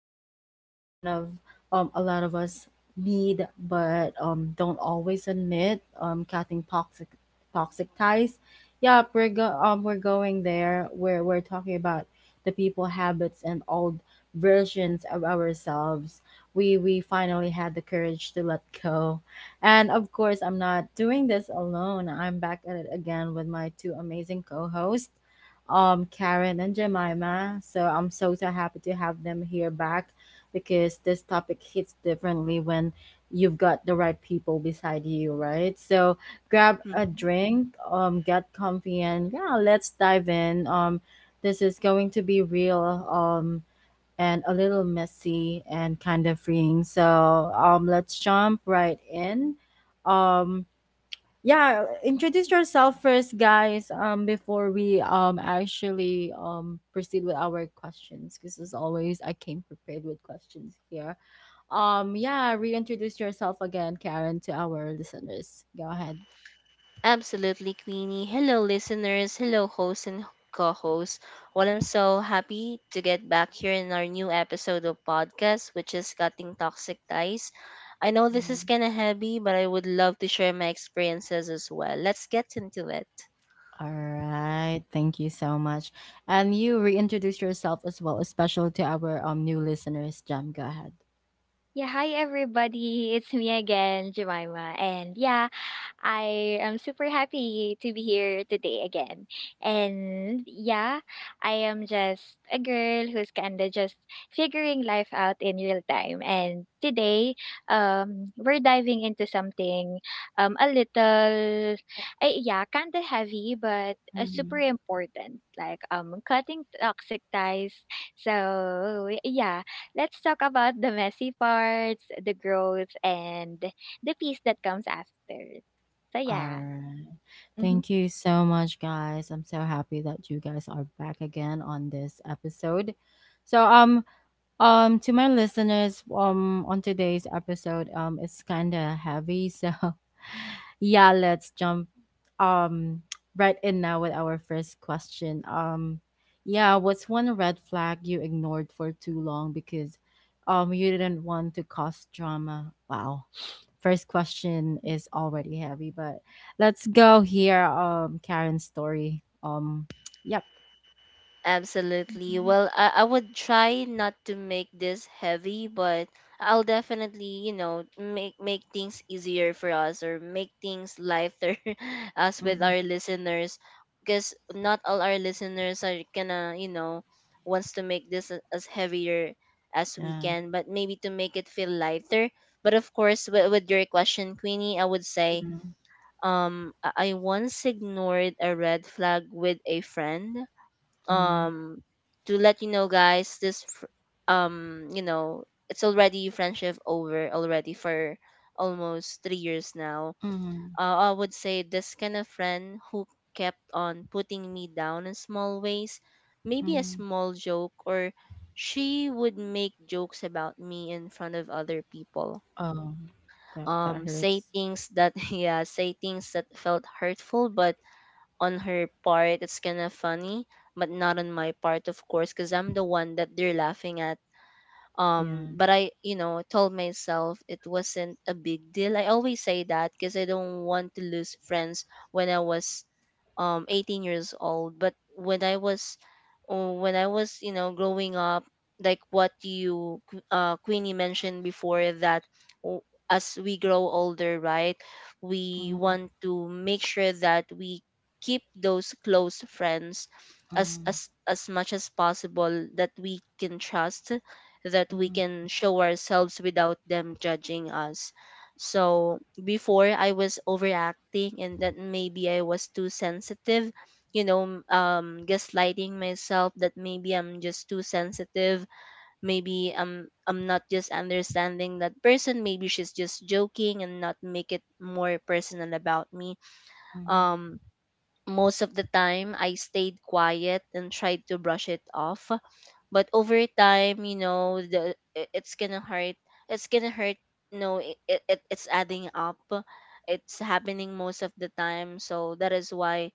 episode is one of a lot of us need but don't always admit cutting toxic ties. We're going there. We're talking about the people habits and old versions of ourselves. We finally had the courage to let go. And of course, I'm not doing this alone. I'm back at it again with my two amazing co-hosts Karen and Jemima. So I'm so happy to have them here back because this topic hits differently when you've got the right people beside you, right? So grab a Mhm. drink, get comfy, and yeah, let's dive in. This is going to be real, and a little messy and kind of freeing. So let's jump right in. Um, yeah, introduce yourself first guys before we actually proceed with our questions because as always I came prepared with questions here. Yeah Reintroduce yourself again, Karen, to our listeners. Go ahead. Absolutely, Queenie. Hello, listeners. Hello, hosts and co hosts. Well, I'm so happy to get back here in our new episode of podcast, which is Cutting Toxic Ties. I know this is Mm. kind of heavy, but I would love to share my experiences as well. Let's get into it. All right, thank you so much. And you reintroduce yourself as well, especially to our new listeners, Jam. Go ahead. Yeah, hi everybody. It's me again, Jemima. And yeah, I am super happy to be here today again. And yeah, I am just a girl who's kind of just figuring life out in real time. And today, we're diving into something a little, yeah, kind of heavy, but super important, like cutting toxic ties. So yeah, let's talk about the messy parts, the growth, and the peace that comes after. So, All yeah. right. Mhm. Thank you so much, guys. I'm so happy that you guys are back again on this episode. So, to my listeners, on today's episode, it's kind of heavy, so yeah, let's jump, um, right in now with our first question. Yeah, what's one red flag you ignored for too long because you didn't want to cause drama? Wow, first question is already heavy, but let's go here. Karen's story. Yep. Absolutely. Mhm, Well, I would try not to make this heavy, but I'll definitely, you know, make things easier for us or make things lighter as with Mhm, our listeners because not all our listeners are gonna, you know, wants to make this as heavier as we yeah. can, but maybe to make it feel lighter. But of course, with your question, Queenie, I would say, Mhm, I once ignored a red flag with a friend. mm, um to let you know, guys, this you know, it's already friendship over already for almost 3 years now. mhm, I would say this kind of friend who kept on putting me down in small ways, maybe a mhm. small joke, or she would make jokes about me in front of other people, Oh, that say hurts. things that yeah, say things that felt hurtful, but on her part it's kind of funny, but not on my part, of course, because I'm the one that they're laughing at. Yeah. But I, you know, told myself it wasn't a big deal. I always say that because I don't want to lose friends. When I was 18 years old, but when I was you know, growing up, like what you, Queenie, mentioned before, that w- as we grow older, right, we Mm, want to make sure that we keep those close friends as mm, much as possible, that we can trust, that we mm, can show ourselves without them judging us. So before, I was overacting and that maybe I was too sensitive, you know, gaslighting myself that maybe I'm just too sensitive, maybe I'm not just understanding that person, maybe she's just joking and not make it more personal about me. mm, Um Most of the time, I stayed quiet and tried to brush it off. But over time, you know, it's gonna hurt. It's gonna hurt. No, it's adding up. It's happening most of the time. So that is why,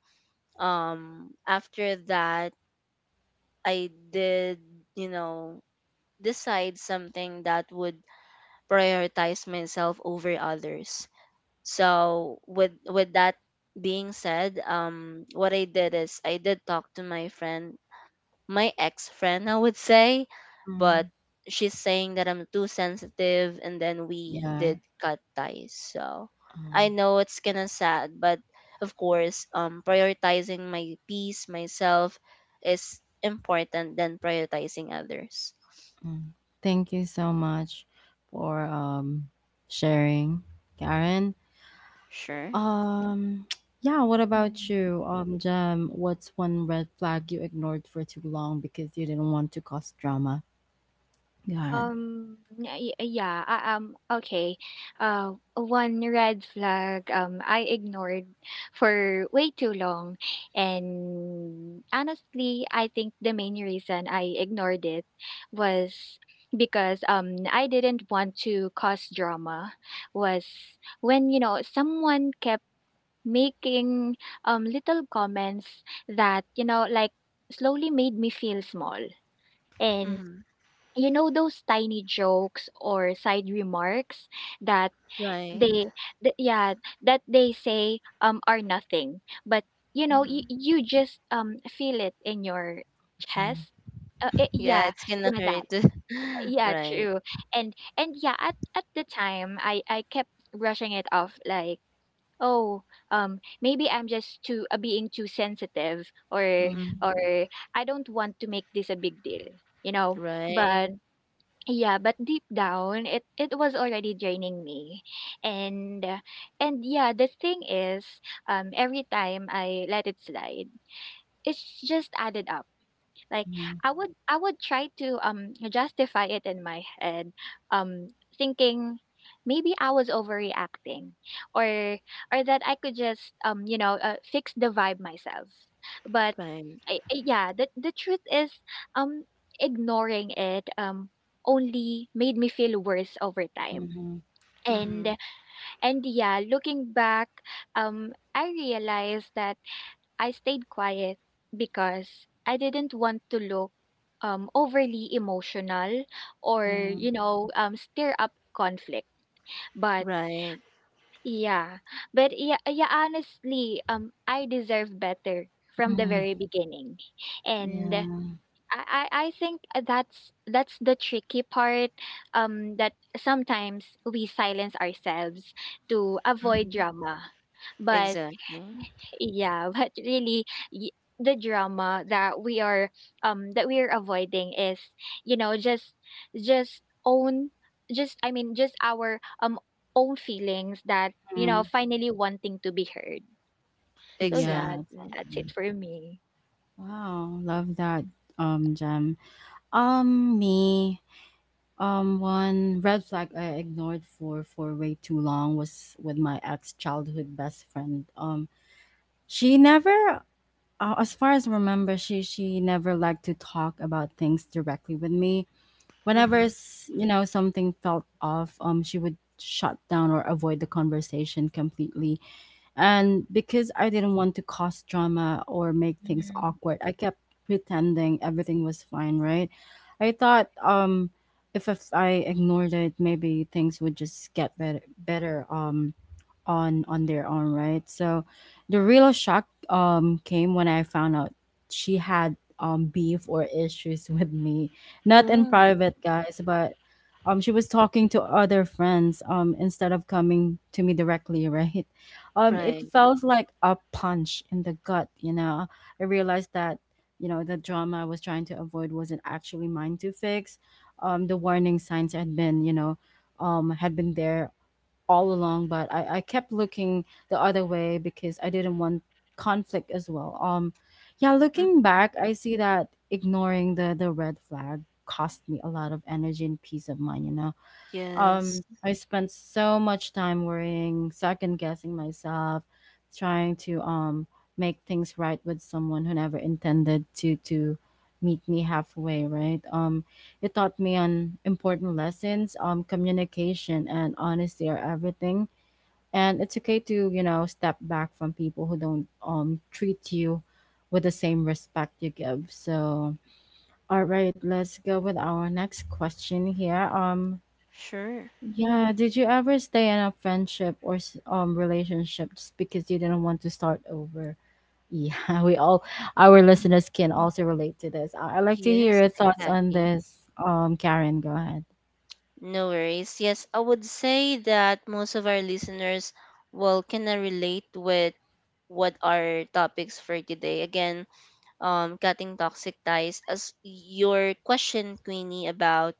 after that, I did, you know, decide something that would prioritize myself over others. So with that being said, what I did is I did talk to my friend, my ex friend, I would say, but mm. she's saying that I'm too sensitive, and then we Yeah. did cut ties. So Oh, I know it's kinda sad, but of course, prioritizing my peace, myself, is important than prioritizing others. mm. Thank you so much for sharing, Karen. Sure. Um, yeah, what about mhm. you? Jem, what's one red flag you ignored for too long because you didn't want to cause drama? God, Um, y y yeah, okay. One red flag, I ignored for way too long. And honestly, I think the main reason I ignored it was because I didn't want to cause drama was when, you know, someone kept making little comments that, you know, like slowly made me feel small. And Hmm. you know those tiny jokes or side remarks that they Right. th- yeah that they say are nothing but you know you, Hmm. you just feel it in your yeah. chest. Eh, Yeah, yeah it's gonna yeah that hurt. yeah Right. true And yeah, at the time, I kept brushing it off like, oh, maybe I'm just too being too sensitive, Mhm, or Mhm. I don't want to make this a big deal, you know. but Right, yeah, but deep down, it was already draining me, and uh, and yeah, the thing is, every time I let it slide, it's just added up. Like, mhm, I would try to justify it in my head, um thinking maybe I was overreacting, or or that I could just fix the vibe myself. But right. the truth is, um ignoring it only made me feel worse over time. mhm, Hmm. And and yeah, looking back, I realized that I stayed quiet because I didn't want to look overly emotional or, mhm, you know, stir up conflict. But Right. yeah, but honestly, I deserve better from the mhm. very beginning, and I, Yeah. I I think that's the tricky part. That sometimes we silence ourselves to avoid Hmm. drama, but Exactly. yeah but really, the drama that we are avoiding is, you know, just own just I mean just our own feelings that, you Mm. know, finally wanting to be heard. So yeah, Yeah, Exactly. that's exactly. it for me. Wow, love that, um, Gem. Me One red flag I ignored for way too long was with my ex childhood best friend. She never, as far as I remember, she never liked to talk about things directly with me. Hmm. You know, something felt off, she would shut down or avoid the conversation completely. And because I didn't want to cause drama or make things Mhm, awkward, I kept pretending everything was fine, right? I thought if I ignored it, maybe things would just get better on their own, right? So the real shock came when I found out she had beef or issues with me. Not in Oh, private, guys, but she was talking to other friends instead of coming to me directly, right? Um, it right. felt like a punch in the gut, you know. I realized that, you know, the drama I was trying to avoid wasn't actually mine to fix. The warning signs had been you know had been there all along, but I kept looking the other way because I didn't want conflict as well. Yeah Hmm. Looking back, I see that ignoring the red flag cost me a lot of energy and peace of mind, you know. Yes, Um, I spent so much time worrying, second guessing myself, trying to make things right with someone who never intended to meet me halfway, right? It taught me on important lessons. Communication and honesty are everything. And it's okay to, you know, step back from people who don't treat you with the same respect you give. So, all right, let's go with our next question here. Sure. Yeah, did you ever stay in a friendship or relationship just because you didn't want to start over? Yeah, we all, our mhm, listeners can also relate to this. I'd like to hear Yes, your thoughts on exactly. this. Karen, go ahead. No worries. Yes, I would say that most of our listeners will kind of relate with what our topics for today. Again, cutting toxic ties. As your question, Queenie, about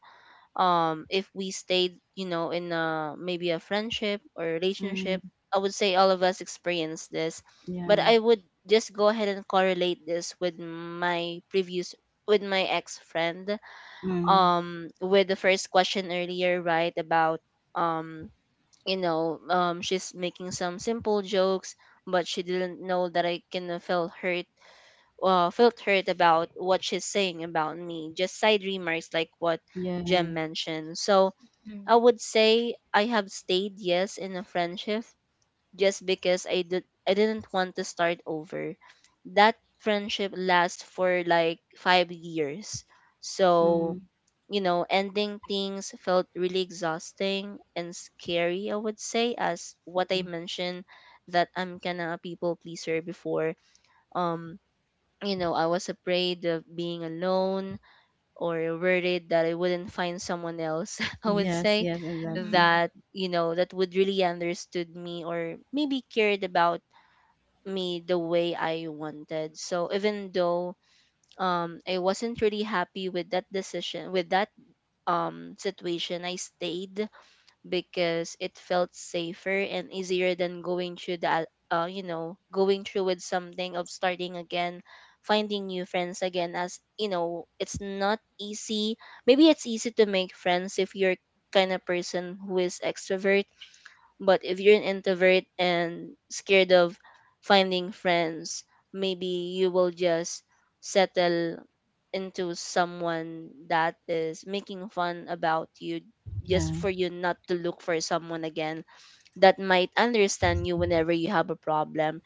if we stayed, you know, in a maybe a friendship or relationship, Mm, I would say all of us experience this, but yeah. I would just go ahead and correlate this with my previous, with my ex friend, Mm, with the first question earlier, right, about um you know, she's making some simple jokes, but she didn't know that I kind of felt hurt. Felt hurt about what she's saying about me, just side remarks like what Jem yeah. mentioned. So mhm, I would say I have stayed, yes, in a friendship just because I didn't want to start over. That friendship lasts for like 5 years. So, Mm, you know, ending things felt really exhausting and scary, I would say, as what I mentioned, that I'm kind of a people pleaser before. Um, you know, I was afraid of being alone or worried that I wouldn't find someone else, I would yes. say, Yes. Exactly. that, you know, that would really understood me or maybe cared about me the way I wanted. So even though I wasn't really happy with that decision, with that situation, I stayed because it felt safer and easier than going through that, you know, going through with something of starting again, finding new friends again. As you know, it's not easy. Maybe it's easy to make friends if you're kind of person who is extrovert, but if you're an introvert and scared of finding friends, maybe you will just settle into someone that is making fun about you, Yeah. just for you not to look for someone again that might understand you whenever you have a problem.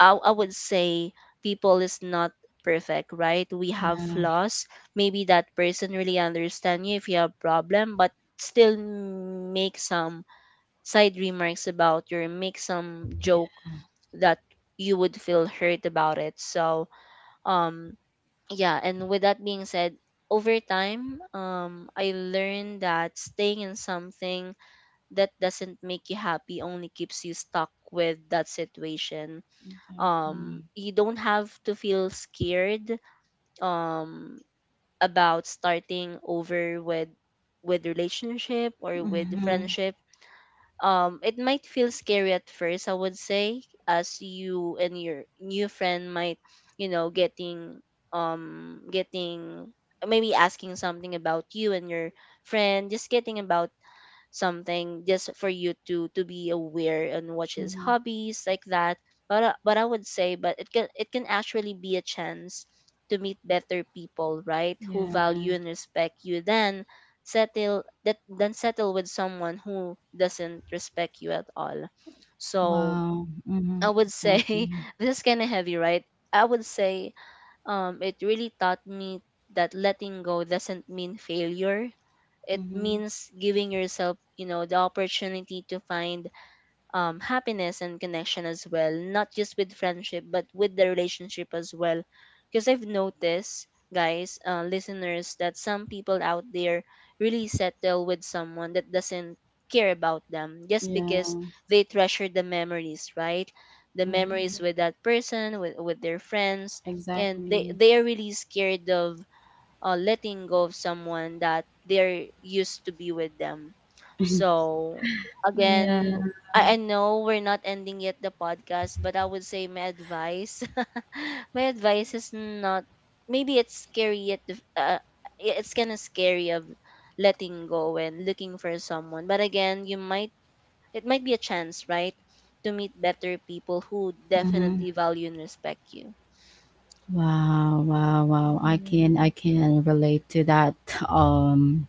I would say people is not perfect, right? We have Yeah. flaws. Maybe that person really understand you if you have problem, but still make some side remarks about your, make some Yeah. joke that you would feel hurt about it. So, um, yeah, and with that being said, over time, I learned that staying in something that doesn't make you happy only keeps you stuck with that situation. Exactly. You don't have to feel scared um, about starting over with relationship or with Mm-hmm. friendship. It might feel scary at first, I would say, as you and your new friend might, you know, getting, getting, maybe asking something about you and your friend, just getting about something, just for you to be aware and watch his Mm-hmm. hobbies like that. But I would say but it can, it can actually be a chance to meet better people, right, who Yeah. value and respect you, then settle that than settle with someone who doesn't respect you at all. So Wow. Mm-hmm. I would say Exactly. this is kind of heavy, right? I would say, it really taught me that letting go doesn't mean failure. It Mm-hmm. means giving yourself, you know, the opportunity to find happiness and connection as well, not just with friendship, but with the relationship as well. Because I've noticed, guys, listeners, that some people out there really settle with someone that doesn't care about them just Yeah. because they treasure the memories, right? The mhm, Mm-hmm. memories mhm, with that person, with their friends, and Exactly. they are really scared of letting go of someone that they're used to be with them. So again, Yeah. I know we're not ending yet the podcast, but I would say my advice, my advice is not, maybe it's scary at the, it's kind of scary of letting go and looking for someone. But again, you might, it might be a chance, right? To meet better people who Mhm. definitely value and respect you. Wow, wow, wow. I mhm, can, I can relate to that, um,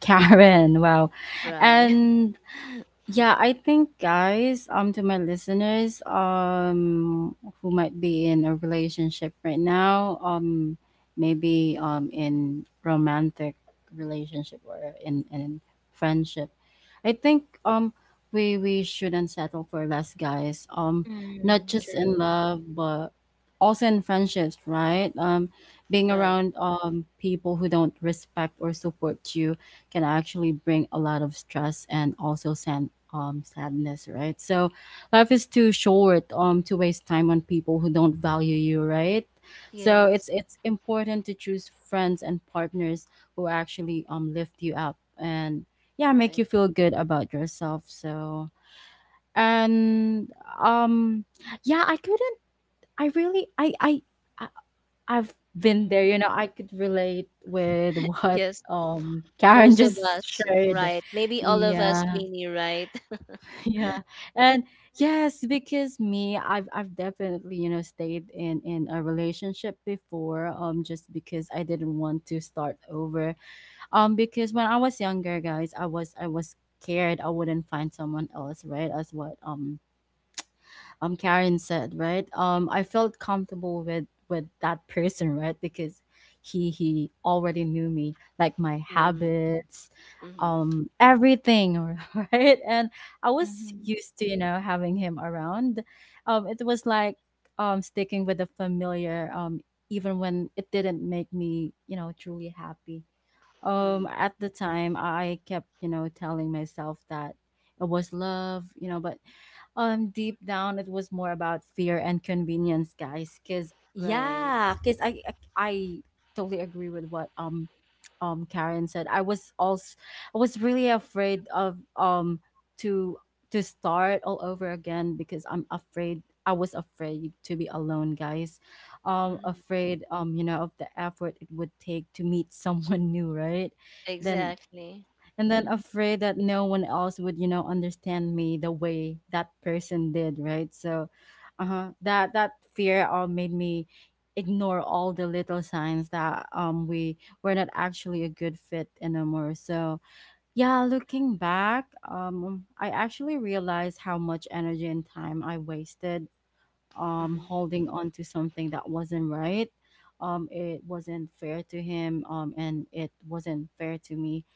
Karen. Wow. Right. And yeah, I think guys, um, to my listeners, who might be in a relationship right now, um, maybe in romantic relationship or in friendship. I think we shouldn't settle for less, guys. Um, not mm, just in true. love but also in friendships, right? Um, being Right. around people who don't respect or support you can actually bring a lot of stress and also send sadness, right? So life is too short to waste time on people who don't value you, right? So Yes. it's important to choose friends and partners who actually lift you up and yeah, make Right. you feel good about yourself. So, and um yeah, I couldn't I really I I've been Mhm, there, you know. I could relate with what Yes. Karen Most of just us, shared. right? Maybe all of us, Yeah. Queenie, right? Yeah. And yes, because me, I've definitely, you know, stayed in a relationship before just because I didn't want to start over. Um, because when I was younger, guys, I was scared I wouldn't find someone else, right? As what Karen said, right? Um, I felt comfortable with that person, right? Because he already knew me, like my Mm, habits, mm, everything, right? And I mhm, was mhm. used to, you know, having him around. Um, it was like sticking with the familiar even when it didn't make me, you know, truly happy. Um, mm, at the time I kept, you know, telling myself that it was love, you know, but deep down it was more about fear and convenience, guys, because right. yeah, because I totally agree with what Karen said. I was really afraid of to to start all over again because I was afraid to be alone, guys. Mm, Afraid, you know, of the effort it would take to meet someone new, right? then exactly. and then Mhm. afraid that no one else would, you know, understand me the way that person did, right? So, uh-huh, that fear all made me ignore all the little signs that we were not actually a good fit anymore. So yeah, looking back, I actually realized how much energy and time I wasted Mm, holding on to something that wasn't right. Um, it wasn't fair to him, and it wasn't fair to me.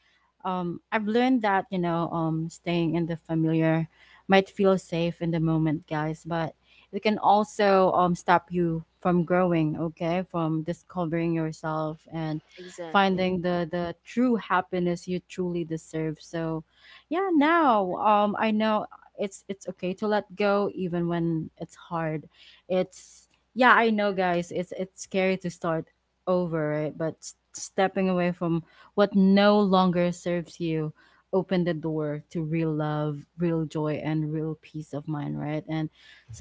Um, I've learned that, you know, staying in the familiar might feel safe in the moment, guys, but it can also, stop you from growing. Okay, from discovering yourself and exactly. finding the true happiness you truly deserve. So, yeah, now, I know it's okay to let go even when it's hard. It's, yeah, I know, guys, it's scary to start over, right? But stepping away from what no longer serves you open the door to real love, real joy, and real peace of mind, right? And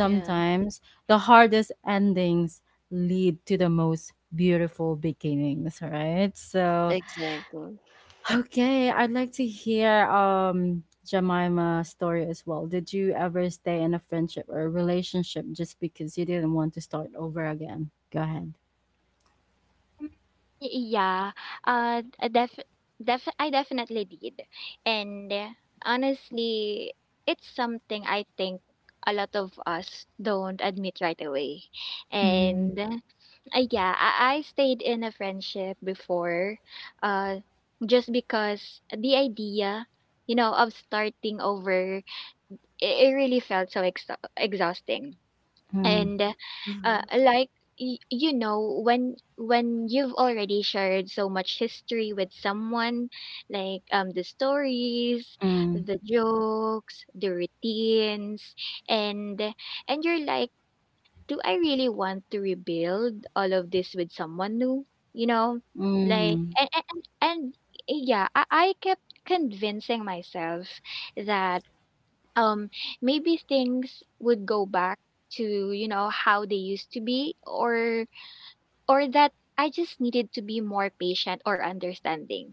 Yeah, the hardest endings lead to the most beautiful beginnings, right? So, exactly. okay, I'd like to hear Jemima's story as well. Did you ever stay in a friendship or a relationship just because you didn't want to start over again? Go ahead. Y- Yeah, a def def I definitely did. And honestly, it's something I think a lot of us don't admit right away. Mm, And yeah, I stayed in a friendship before, uh, just because the idea, you know, of starting over, it really felt so ex exhausting. mm, And Mm, Like, you know, when you've already shared so much history with someone, like the stories, mm, the jokes, the routines, and and you're like, do I really want to rebuild all of this with someone new, you know? like mm, and and, and yeah, I kept convincing myself that um maybe things would go back to, you know, how they used to be, or that I just needed to be more patient or understanding.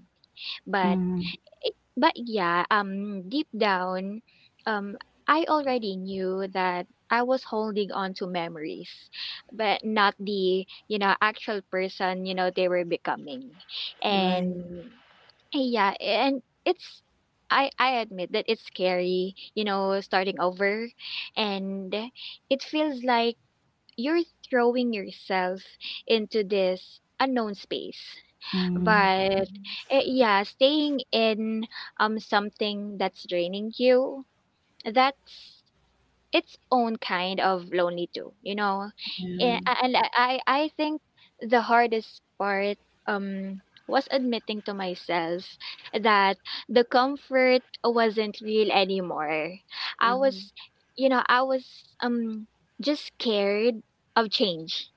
but mm, eh, but yeah, deep down, um I already knew that I was holding on to memories but not the, you know, actual person, you know, they were becoming. mm. right. And yeah, and it's, I admit that it's scary, you know, starting over, and it feels like you're throwing yourself into this unknown space. Mm, But Mm, eh, yeah, staying in something that's draining you, that's its own kind of lonely too, you know. Eh, yeah. a- and I think the hardest part um was admitting to myself that the comfort wasn't real anymore. I mm, was you know I was um just scared of change.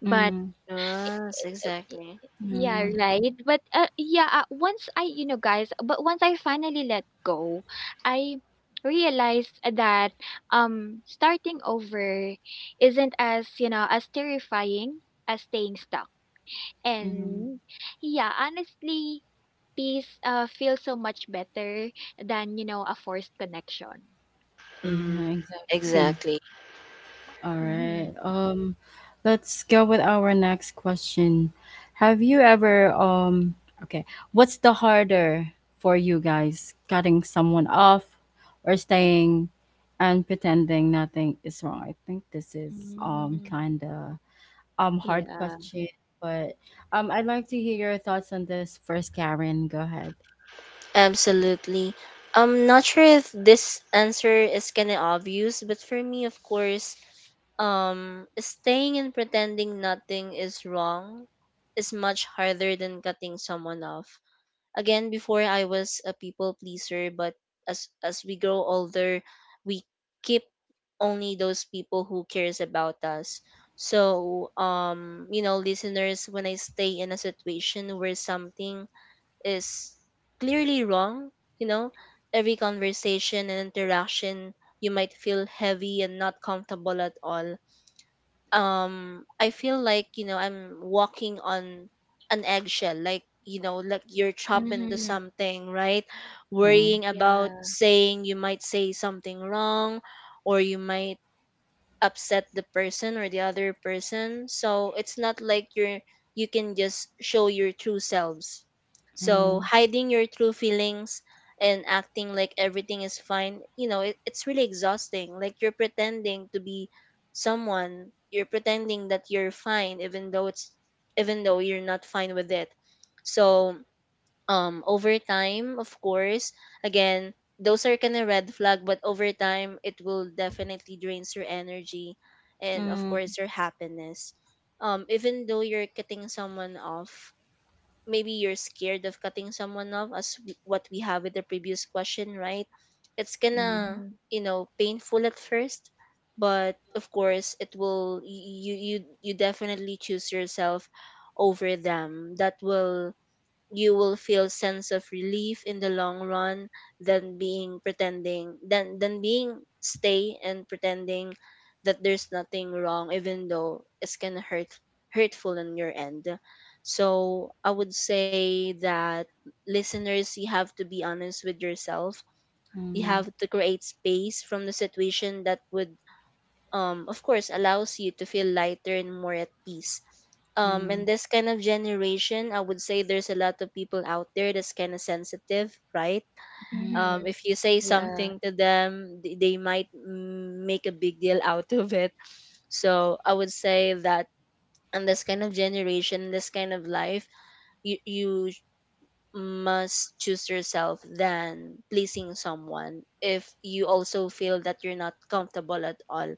but Mm, yes, Y- exactly. Yeah, yeah. right. But uh, yeah, once I, you know, guys, but once I finally let go, I realized that starting over isn't as, you know, as terrifying as staying stuck. Mm. And yeah, honestly, peace feels so much better than, you know, a forced connection. Yeah, Mm, exactly. exactly. All Mm-hmm. right. Let's go with our next question. Have you ever Okay, what's the harder for you guys, cutting someone off or staying and pretending nothing is wrong? I think this is Mm-hmm. kind of hard Yeah. question, but I'd like to hear your thoughts on this first, Karen. Go ahead. Absolutely. I'm not sure if this answer is kind of obvious, but for me, of course, staying and pretending nothing is wrong is much harder than cutting someone off. Again, before I was a people pleaser, but as we grow older, we keep only those people who cares about us. So, you know, listeners, when I stay in a situation where something is clearly wrong, you know, every conversation and interaction, you might feel heavy and not comfortable at all. I feel like, you know, I'm walking on an eggshell, like, you know, like you're trapped into Mm-hmm. something, right? Uh, Worrying about Yeah. saying you might say something wrong or you might upset the person or the other person. So it's not like you're, you can just show your true selves. So mm, hiding your true feelings and acting like everything is fine, you know, it's really exhausting. Like you're pretending to be someone, you're pretending that you're fine even though it's even though you're not fine with it. So over time, of course, again, those are kind of red flag, but over time it will definitely drains your energy and of mm. course your happiness. Even though you're cutting someone off, maybe you're scared of cutting someone off, as what we have with the previous question, right, it's Mm, gonna, Mm-hmm. you know, painful at first, but of course it will, you definitely choose yourself over them, that will, you will feel sense of relief in the long run than being pretending than being stay and pretending that there's nothing wrong, even though it's gonna hurt, hurtful on your end. So I would say that, listeners, you have to be honest with yourself. You mm, have to create space from the situation that would, of course, allows you to feel lighter and more at peace. Mm, In this kind of generation, I would say there's a lot of people out there that's kind of sensitive, right? mm, Mm-hmm. If you say Yeah. something to them, they might make a big deal out of it. So I would say that in this kind of generation, this kind of life, you must choose yourself than pleasing someone if you also feel that you're not comfortable at all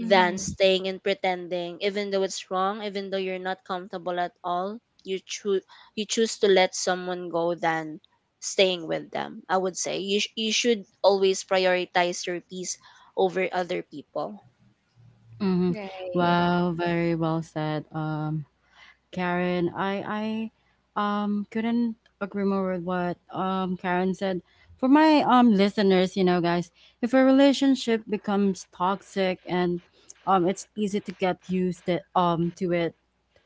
than Mm-hmm. staying and pretending even though it's wrong, even though you're not comfortable at all. You choose you choose to let someone go than staying with them. I would say you should always prioritize your peace over other people. mhm. Wow, very well said, Karen. I couldn't agree more with what Karen said. For my listeners, you know, guys, if a relationship becomes toxic and it's easy to get used to it,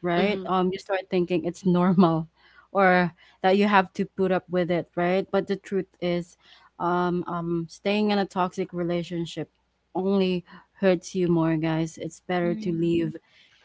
right? Mm-hmm. Um, you start thinking it's normal or that you have to put up with it, right? But the truth is, staying in a toxic relationship only hurts you more, guys. It's better to Mm. leave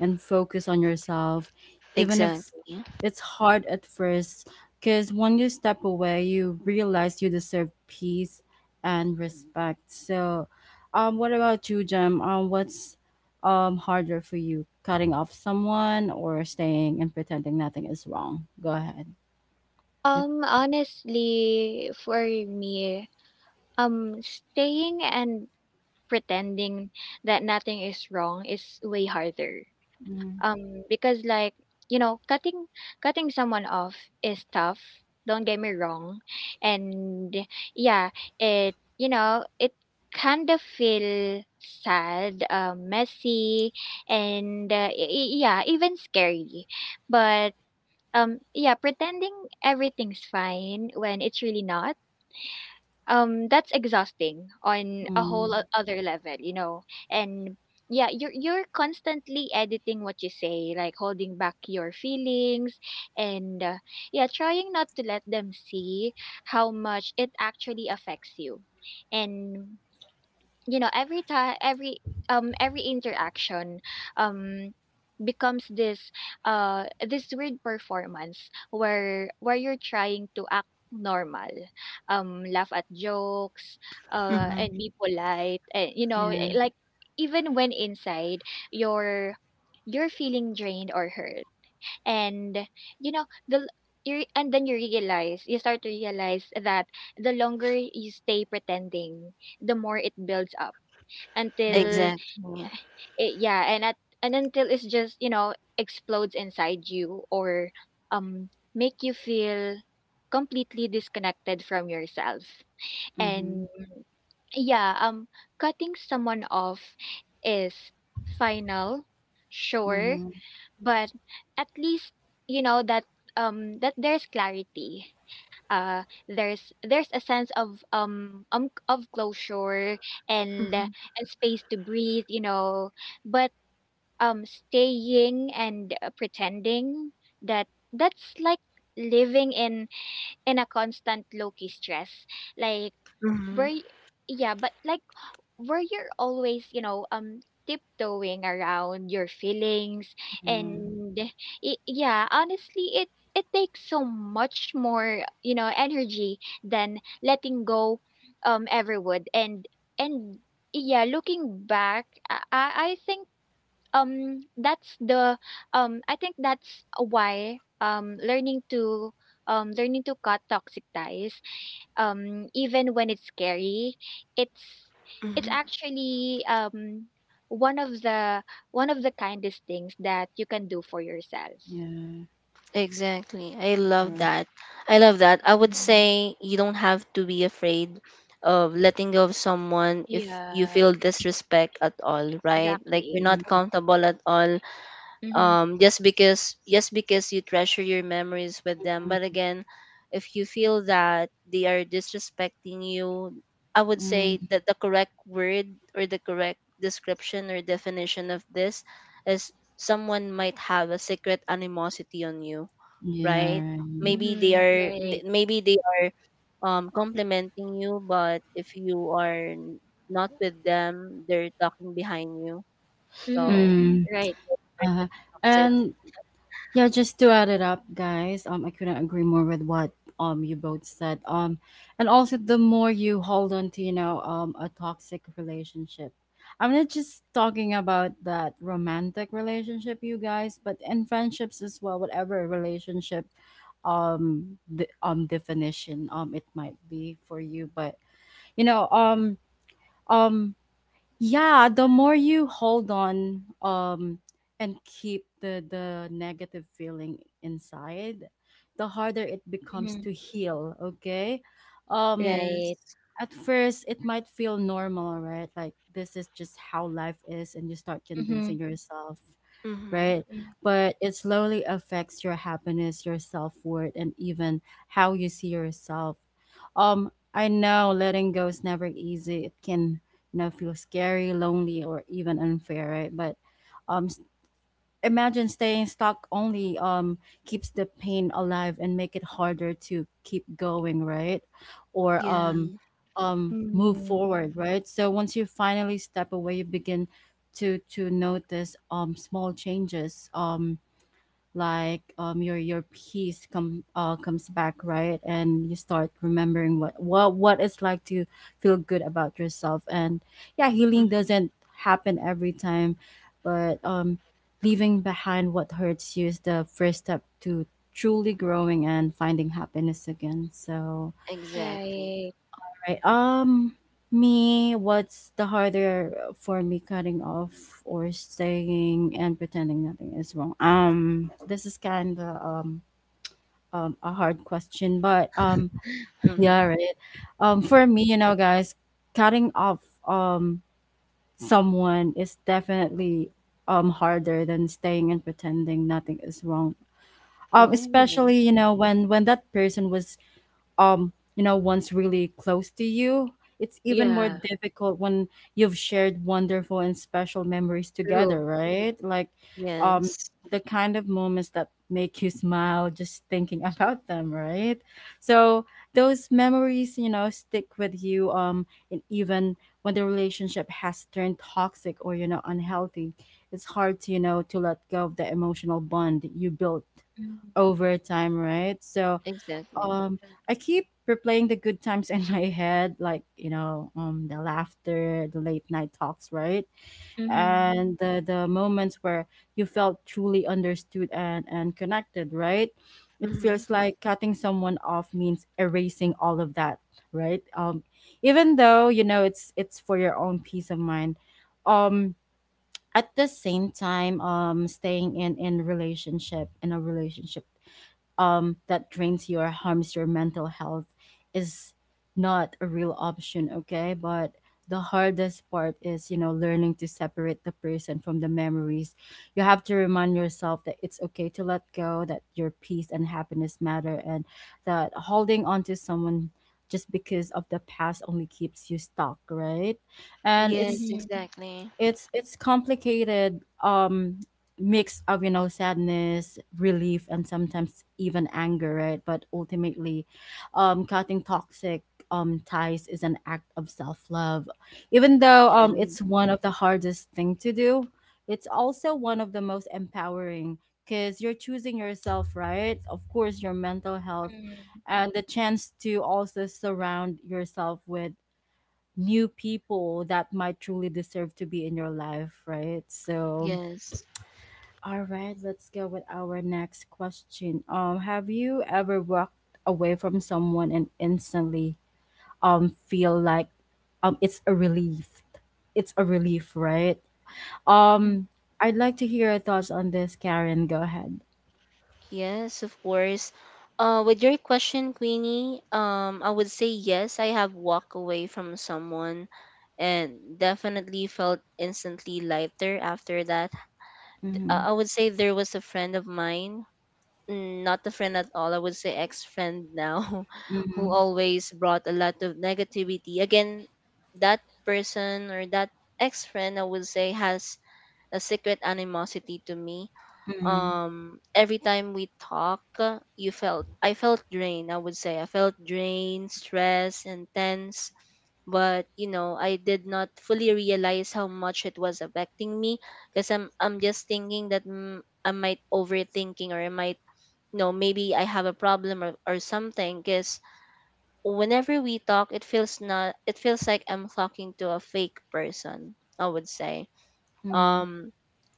and focus on yourself even if Exactly. it's hard at first. Because when you step away, you realize you deserve peace and respect. So, what about you, Jem? What's harder for you, cutting off someone or staying and pretending nothing is wrong? Go ahead. Yep. Honestly, for me, staying and pretending that nothing is wrong is way harder. Mm. Because like, you know, cutting someone off is tough. Don't get me wrong. And yeah, you know, it kind of feel sad, messy, and yeah, even scary. But Yeah, pretending everything's fine when it's really not. That's exhausting on a whole Mm. Other level, you know. And yeah, you're constantly editing what you say, like holding back your feelings, and yeah, trying not to let them see how much it actually affects you. And you know, every time every interaction um becomes this weird performance, where you're trying to act normal, laugh at jokes, Mm-hmm. and be polite, and, you know, Yeah. Like, even when inside, you're you're feeling drained or hurt. And you know, the you and then you realize you start to realize that the longer you stay pretending, the more it builds up, Mm. until Exactly. it yeah and at and until it's just, you know, explodes inside you, or um make you feel completely disconnected from yourself. Mm-hmm. And Yeah, cutting someone off is final, sure, Mm-hmm. but at least you know that there's clarity. There's a sense of closure, and uh, and space to breathe, you know. But staying and, pretending, that that's like living in a constant low key stress, like, where y- yeah but like where you're always, you know, tiptoeing around your feelings, Yeah. and I yeah, honestly, it takes so much more, you know, energy than letting go, ever would, and yeah, looking back, I think that's the I think that's why, learning to learning to cut toxic ties, even when it's scary, it's it's Mm-hmm. actually one of the kindest things that you can do for yourself. Yeah. Exactly. I All love right. that. I love that. I would Mm. say you don't have to be afraid of letting go of someone if you Yeah, feel disrespect at all, right? Like you're exactly. not Mm-hmm. comfortable at all, Mm-hmm, just because you treasure your memories with them. But again, if you feel that they are disrespecting you, I would say Mm-hmm. that the correct word or the correct description or definition of this is someone might have a secret animosity on you, Yeah. right? Right. maybe they mm-hmm, are right. th- maybe they are complimenting you, but if not with them, they're talking behind you. Mm-hmm, So Mm. right. very Uh-huh. toxic. And yeah, just to add it up, guys, I couldn't agree more with what you both said. And also, the more you hold on to, a toxic relationship. I'm not just talking about that romantic relationship, you guys, but in friendships as well, whatever relationship the definition it might be for you. But you know, um um yeah, the more you hold on and keep the negative feeling inside, the harder it becomes Mm-hmm, to heal. Okay, um right. Yes. at first it might feel normal, right? Like this is just how life is and you start Mm-hmm, convincing yourself, Mm-hmm. right? But it slowly affects your happiness, your self-worth and even how you see yourself. I know letting go is never easy. It can, you know, feel scary, lonely or even unfair, right? But um imagine, staying stuck only keeps the pain alive and make it harder to keep going, right? Or Yeah. Move mm-hmm, forward, right? So once you finally step away, you begin to notice small changes, like your peace comes back, right? And you start remembering what it's like to feel good about yourself. And yeah, healing Mm-hmm. doesn't happen every time, but leaving behind what hurts you is the first step to truly growing and finding happiness again. So Exactly. right. right. Um me what's the harder for me, cutting off or staying and pretending nothing is wrong? This is kind of a hard question, but Mm-hmm. yeah, right. For me, you know, guys, cutting off um someone is definitely harder than staying and pretending nothing is wrong. Oh, Especially you know when that person was you know one's really close to you. It's even more Yeah. difficult when you've shared wonderful and special memories together, True. right? Like um yes. the kind of moments that make you smile just thinking about them, right? So those memories, you know, stick with you. And even when the relationship has turned toxic or, you know, unhealthy, it's hard to, you know, to let go of the emotional bond that you built Mhm. over time, right? So Exactly. um I keep replaying the good times in my head, like you know, the laughter, the late night talks, right, and the moments where you felt truly understood and connected, right. It Mm-hmm. feels like cutting someone off means erasing all of that, right? Even though you know it's for your own peace of mind, um, at the same time, staying in a relationship that drains you or harms your mental health is not a real option, okay? But the hardest part is, you know, learning to separate the person from the memories. You have to remind yourself that it's okay to let go, that your peace and happiness matter, and that holding on to someone just because of the past only keeps you stuck, right? And Yes, it's Mhm. exactly. it's it's complicated mix of, you know, sadness, relief and sometimes even anger, right? But ultimately cutting toxic ties is an act of self-love. Even though Yes, it's one of the hardest thing to do, it's also one of the most empowering, because you're choosing yourself, right? Of course your mental health Mhm. and the chance to also surround yourself with new people that might truly deserve to be in your life, right? So, yes, all right, let's go with our next question. Have you ever walked away from someone and instantly feel like it's a relief? It's a relief, right? Mhm. Um, I'd like to hear your thoughts on this, Karen. Go ahead. yes, of course. With your question, Queenie, I would say yes, I have walked away from someone and definitely felt instantly lighter after that. Mm-hmm. I would say there was a friend of mine, not a friend at all. I would say ex friend now, who Mm-hmm. always brought a lot of negativity. Again, that person or that ex friend, I would say, has a secret animosity to me. Mm-hmm. Every time we talk, you felt I felt drained. I would say I felt drained, stressed, and tense. But you know, I did not fully realize how much it was affecting me because I'm just thinking that, I might overthinking, or I might know, maybe I have a problem, or something, because whenever we talk, it feels not it feels like I'm talking to a fake person, I would say. Mm-hmm. um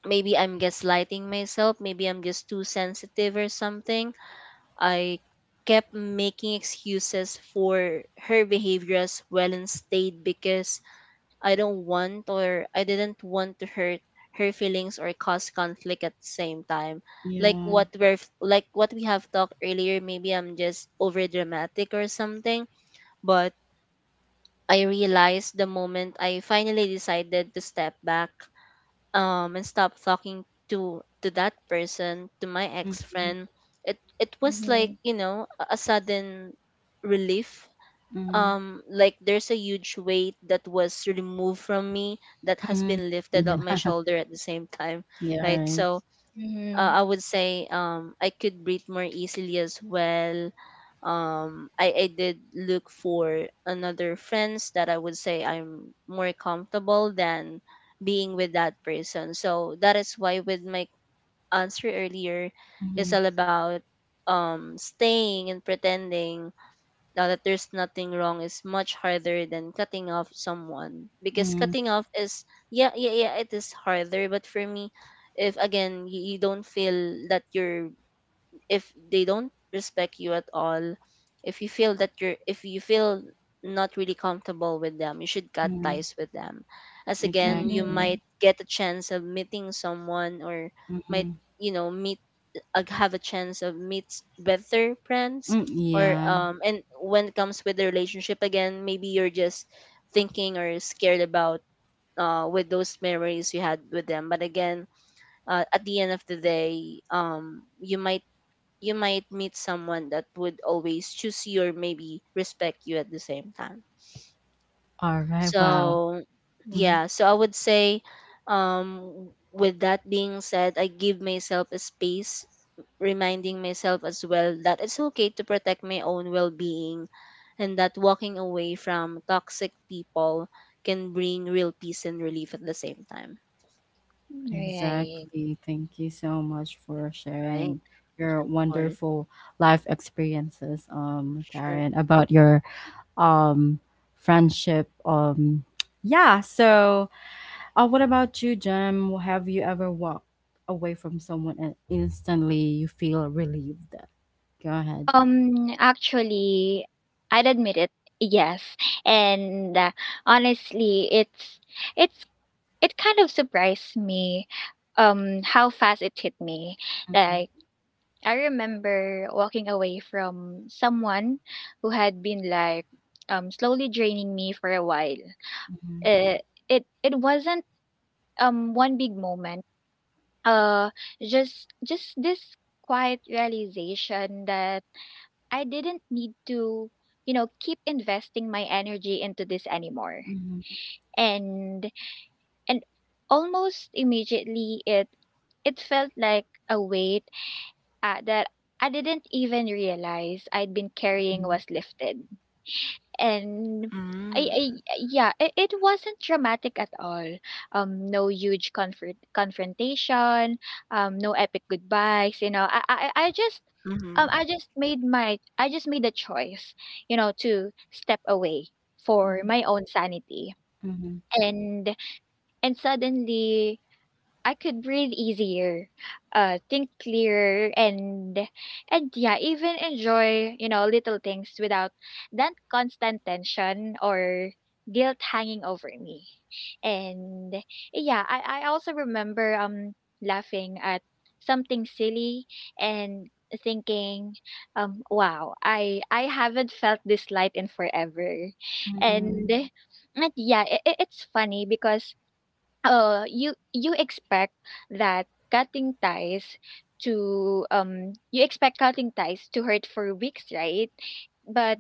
Maybe I'm gaslighting myself, maybe I'm just too sensitive or something. I kept making excuses for her behavior as well and stayed because I didn't want to hurt her feelings or cause conflict at the same time. Like Yeah. what we're f- like what we have talked earlier, maybe I'm just over dramatic or something, but I realized the moment I finally decided to step back and stop talking to that person, to my Mm-hmm. ex-friend, it was like, Mhm. you know, a sudden relief, Mm-hmm. Like there's a huge weight that was removed from me, that has Mm-hmm. been lifted Yeah. up my shoulder at the same time, Yeah. right? Right. So Mhm. I would say I could breathe more easily as well. I did look for another friends that I would say I'm more comfortable than being with that person. So that is why with my answer earlier, it's Mm-hmm. all about staying and pretending now that there's nothing wrong is much harder than cutting off someone, because Mm-hmm. cutting off is yeah yeah, yeah, it is harder. But for me, if again you don't feel that you're, if they don't respect you at all, if you feel that you're, if you feel not really comfortable with them, you should cut Mm-hmm. ties with them, as again you Exactly. might Mhm. get a chance of meeting someone, or might, Mhm. you know, meet, have a chance of meet better friends. Mm, Or yeah. And when it comes with the relationship, again maybe you're just thinking or scared about with those memories you had with them. But again, at the end of the day, you might meet someone that would always choose you or maybe respect you at the same time. All right. Wow. So, Mhm. yeah, so I would say, um, with that being said, I give myself a space, reminding myself as well that it's okay to protect my own well being, and that walking away from toxic people can bring real peace and relief at the same time. Mhm. Right. Exactly. Thank you so much for Right? Of sharing your course. wonderful life experiences, Sure. Karen, about your um friendship. Yeah. So, what about you, Jem? Have you ever walked away from someone and instantly you feel relieved? Go ahead. Actually, I'd admit it. Yes. And honestly, it's it kind of surprised me, how fast it hit me. Mhm, Like, I remember walking away from someone who had been like slowly draining me for a while. mhm, Uh, it it wasn't one big moment, uh just this quiet realization that I didn't need to, you know, keep investing my energy into this anymore. mhm, And and almost immediately, it felt like a weight that I didn't even realize I'd been carrying was lifted. And Mm-hmm. I yeah It wasn't dramatic at all, no huge confrontation, no epic goodbyes. You know, Mm-hmm. I just made my I just made a choice, you know, to step away for mhm, my own sanity. mhm, mhm, And and suddenly, I could breathe easier, think clearer, and yeah, even enjoy, you know, little things without that constant tension or guilt hanging over me. And yeah, I also remember laughing at something silly and thinking, wow, I haven't felt this light in forever. and, mhm, and yeah, it's funny because you you expect that cutting ties to you expect cutting ties to hurt for weeks, right? But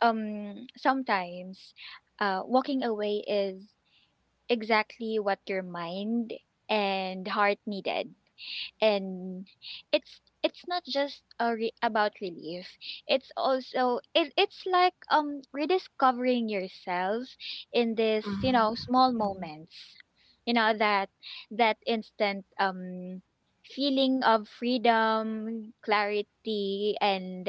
sometimes, walking away is exactly what your mind and heart needed. And It's not just about relief. It's also, it's like rediscovering yourselves in this, you know, small mhm. moments. You know that instant feeling of freedom, clarity, and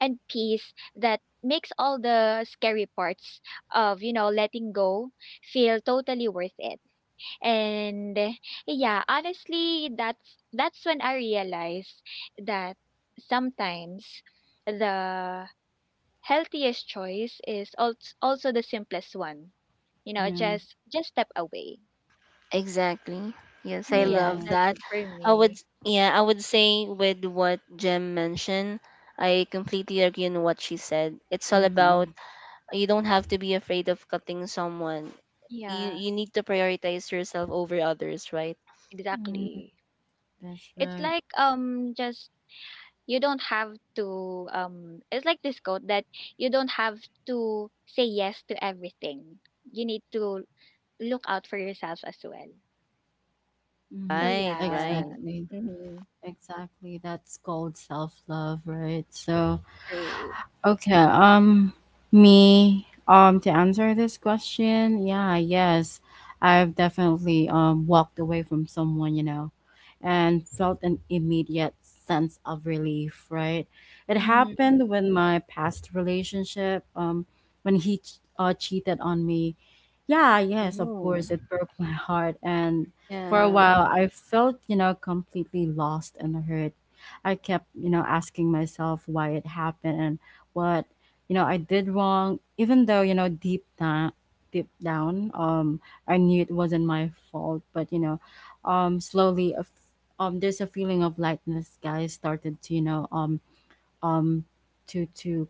peace that makes all the scary parts of, you know, letting go feel totally worth it. And Yeah, honestly, that's when I realized that sometimes the healthiest choice is also the simplest one. You know, Yeah. just step away. Exactly. Yes, I Yeah, love Alright. that's that. it for I would, me. yeah, I would say with what Jem mentioned, I completely agree on what she said. It's all about Mhm. you don't have to be afraid of cutting someone. You Yeah, you need to prioritize yourself over others, right? Mm, exactly. that's It's right. like, just you don't have to it's like this quote that you don't have to say yes to everything. You need to look out for yourself as well. So Hmm. Right, yeah. right. Exactly. Mhm. Exactly. That's called self love, right? So, True. okay, me, to answer this question, yeah, yes, I've definitely walked away from someone, you know, and felt an immediate sense of relief, right? It Mhm. happened with my past relationship, when cheated on me. Yeah, yes, of Ooh. course, it broke my heart, and for a Yeah. while, I felt, you know, completely lost and hurt. I kept, you know, asking myself why it happened and what, you know, I did wrong, even though you know deep down, I knew it wasn't my fault. But you know, slowly, there's a feeling of lightness, guys, started to, you know, um, to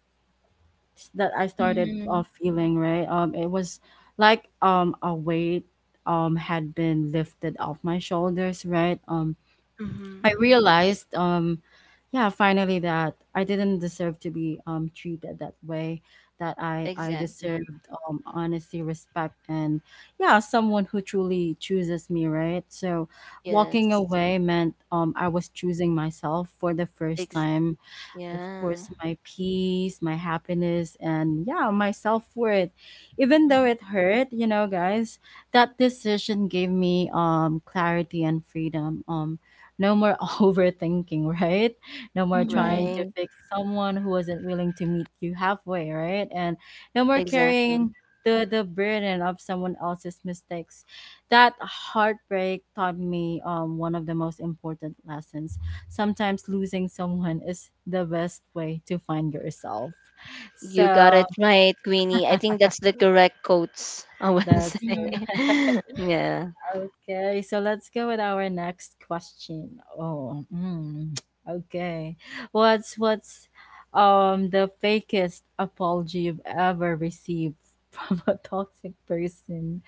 that I started, Mhm. Feeling, right. It was like a weight had been lifted off my shoulders, right? Mm-hmm. I realized, yeah, finally, that I didn't deserve to be, treated that way. That I Exactly. deserved, honesty, respect, and yeah, someone who truly chooses me, right? So, walking Yes. away meant, I was choosing myself for the first Ex- time. Of yeah. course, my peace, my happiness, and yeah, my self worth. Even though Mhm. it hurt, you know, guys, that decision gave me clarity and freedom. No more overthinking, right? No more trying Mhm. to Right. fix someone who wasn't willing to meet you halfway, right? And no more carrying Exactly. the burden of someone else's mistakes. That heartbreak taught me one of the most important lessons: sometimes losing someone is the best way to find yourself. You got So it right, Queenie. I think that's the correct quotes I would that's say. Mhm. Yeah. okay. So let's go with our next question. Oh, mm, okay. What's the fakest apology you've ever received from a toxic person?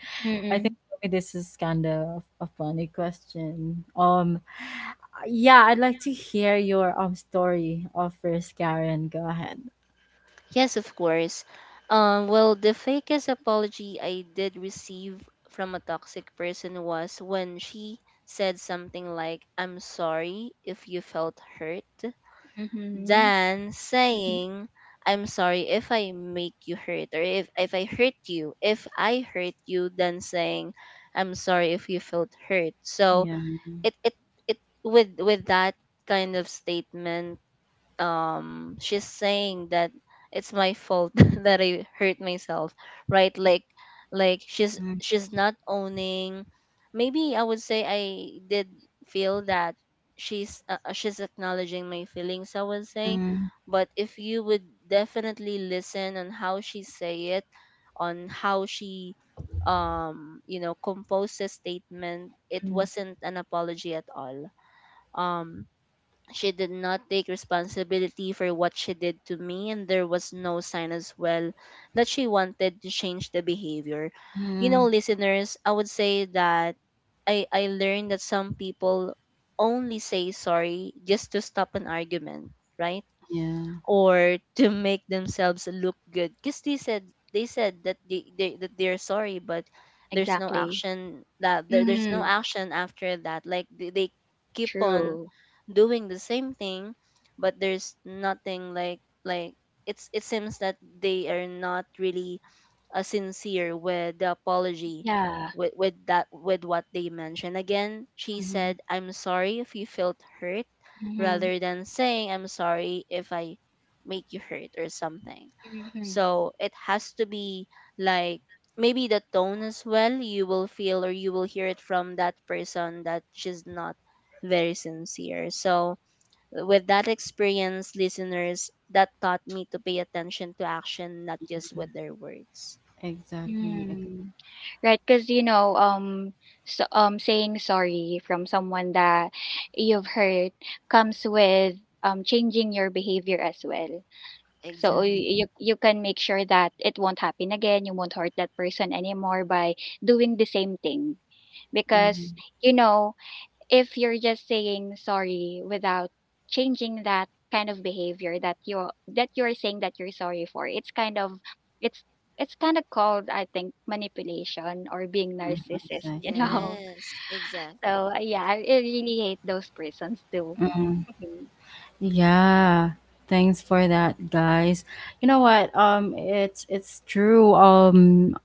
I Mhm. think for me this is kind of a funny question. Yeah, I'd like to hear your story of first, Karen. Go ahead. Yes, of course. Well, the fakest apology I did receive from a toxic person was when she said something like, "I'm sorry if you felt hurt," Mhm. than Mhm. saying, "I'm sorry if I make you hurt," or if I hurt you, than saying, "I'm sorry if you felt hurt." So, Yeah. it it it with that kind of statement, she's saying that it's my fault that I hurt myself, right? Like, like she's Mhm. she's not owning. Maybe I would say I did feel that she's acknowledging my feelings, I would say. Mm. But if you would definitely listen on how she say it, on how she compose a statement, it wasn't an apology at all. Um she did not take responsibility for what she did to me, and there was no sign as well that she wanted to change the behavior. You Mhm. know, listeners, I would say that I learned that some people only say sorry just to stop an argument, right? Yeah. Or to make themselves look good because they said that they that they're sorry, but there's no Exactly. action, that there's no Mhm. action after that, like they keep on True. doing the same thing. But there's nothing like, it's it seems that they are not really sincere with the apology. Yeah. With that, with what they mentioned again, she Mhm. said, "I'm sorry if you felt hurt," Mhm. rather than saying, "I'm sorry if I make you hurt" or something. Mhm. So it has to be like, maybe the tone as well, you will feel or you will hear it from that person that she's not very sincere. So with that experience, listeners, that taught me to pay attention to action, not just with their words. Exactly. Mm. Right, because you know, saying sorry from someone that you've hurt comes with changing your behavior as well. So Exactly. Exactly. you you can make sure that it won't happen again. You won't hurt that person anymore by doing the same thing. Because, Mhm. you know, if you're just saying sorry without changing that kind of behavior that you're saying that you're sorry for, it's kind of, it's it's kind of called, I think, manipulation or being Mhm. narcissist. You Exactly. know, Yes, so exactly. Yeah, I really hate those persons too. Mhm. Yeah. Thanks for that, guys. You know what? It's true. Um,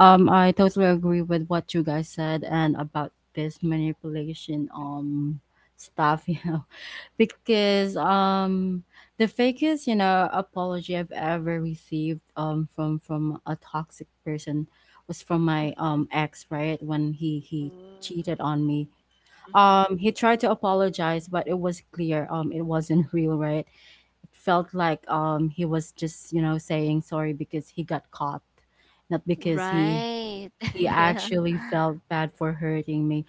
Um, I totally agree with what you guys said and about this manipulation stuff, you know, because the fakest, you know, apology I've ever received from a toxic person was from my ex, right? When he Mm. cheated on me. Mm-hmm. Um, he tried to apologize, but it was clear it wasn't real, right? It felt like he was just, you know, saying sorry because he got caught, not because Right. he Yeah. actually felt bad for hurting me.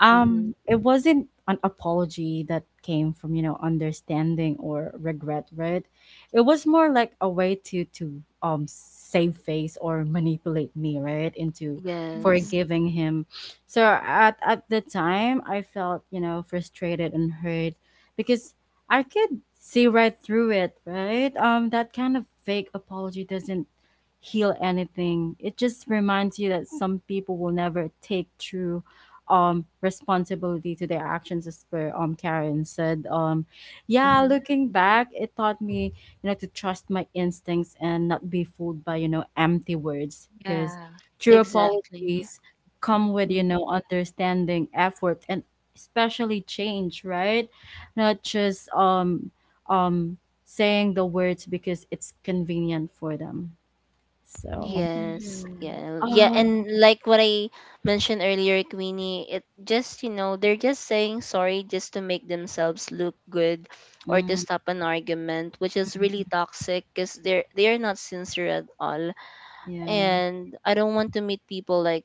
Mm-hmm. It wasn't an apology that came from, you know, understanding or regret, right? It was more like a way to um, save face or manipulate me, right, into Mhm. Yes. Mhm. forgiving him. So at the time, I felt, you know, frustrated and hurt, because I could see right through it, right? Um, that kind of fake apology doesn't heal anything. It just reminds you that some people will never take true responsibility to their actions, as per Karen said. Yeah, Mm-hmm. looking back, it taught me, you know, to trust my instincts and not be fooled by, you know, empty words, because Yeah. true Exactly. apologies come with, you Mm-hmm. know, understanding, effort, and especially change, right? Not just um saying the words because it's convenient for them. So Yes. Yeah. Yeah. um And like what I mentioned earlier, Queenie, it just, you know, they're just saying sorry just to make themselves look good or to mm, stop an argument, which is mm, really toxic because they're not sincere at all. yeah, And I don't want to meet people like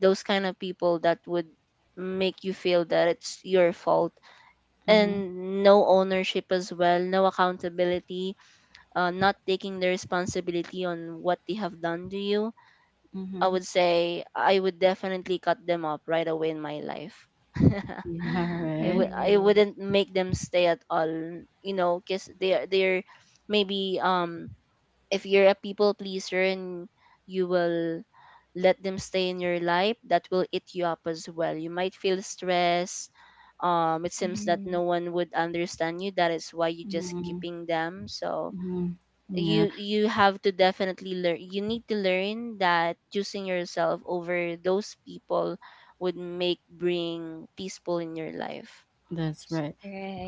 those kind of people that would make you feel that it's your fault, mm-hmm, and no ownership as well, no accountability, not taking the responsibility on what they have done to you. i mm-hmm. would say i would definitely cut them up right away in my life. Yeah, right. I Mm-hmm. wouldn't make them stay at all, you know, because they're maybe if you're a people pleaser and you will let them stay in your life, that will eat you up as well. You might feel stress. It seems that Mhm. no one would understand you. That is why you just Mhm, keeping them. So mhm. Yeah, you have to definitely learn. You need to learn that choosing yourself over those people would make bring peaceful in your life. that's S- right.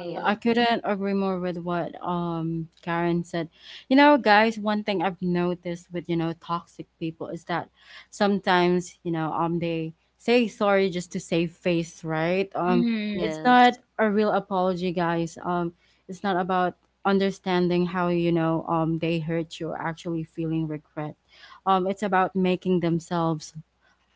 Yeah. I couldn't agree more with what Karen said. You know, guys, one thing I've noticed with, you know, toxic people is that sometimes, you know, um, they say sorry just to save face, right? Um, Mhm. it's not Yes. a real apology, guys. Um, it's not about understanding how, you know, um, they hurt you or actually feeling regret. Um, it's about making themselves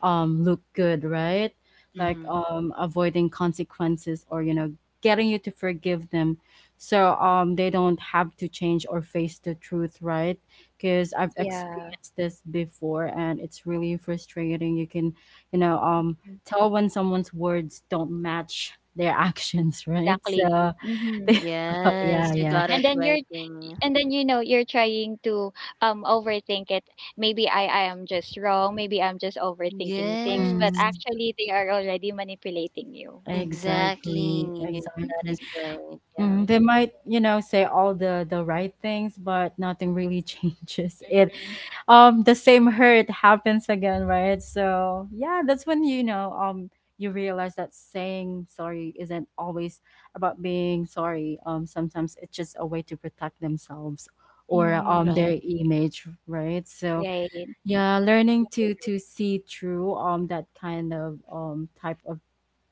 look good, right? Like Mm-hmm. Avoiding consequences or, you know, getting you to forgive them, so they don't have to change or face the truth, right? Cuz I've Yeah. experienced this before and it's really frustrating. You can, you know, Mm. tell when someone's words don't match their actions, right? Exactly. So Mhm. they, oh, Yes, yeah, you yeah. got And it then you're right, Winnie. and then you're trying to overthink it. Maybe I am just wrong. Maybe I'm just overthinking things, but Yes. Mm, actually they are already manipulating you. exactly, Exactly. That exactly. is right. Mm, Yeah. they might, you know, say all the right things, but nothing really changes it. Mhm. The same hurt happens again, right? So yeah, that's when you know, you realize that saying sorry isn't always about being sorry. Sometimes it's just a way to protect themselves or Right. Mhm. their image, right? So Right. yeah, learning to see through that kind of type of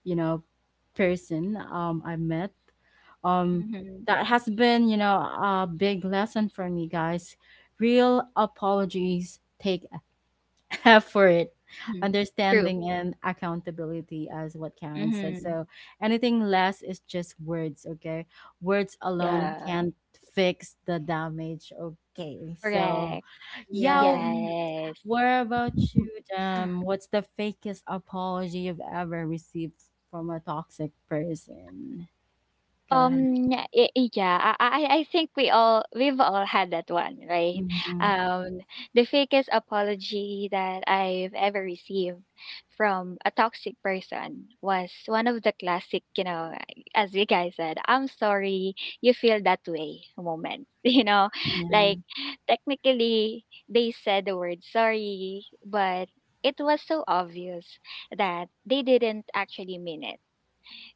you know person I met um Mhm. that has been, you know, a big lesson for me guys. Real apologies take effort, Mhm. True. understanding and accountability, as what Karen said. Mhm. So anything less is just words. Okay, words Right. alone Yeah. can't fix the damage. Okay, so Correct. yeah, Yes. Yes. what about you, what's the fakest apology you've ever received from a toxic person? Go ahead. Yeah, y yeah, I think we all we've all had that one, right? Mhm. Um, the fakest apology that I've ever received from a toxic person was one of the classic, you know, as you guys said, "I'm sorry you feel that way" moments. You know, Yeah. like technically they said the word sorry, but it was so obvious that they didn't actually mean it.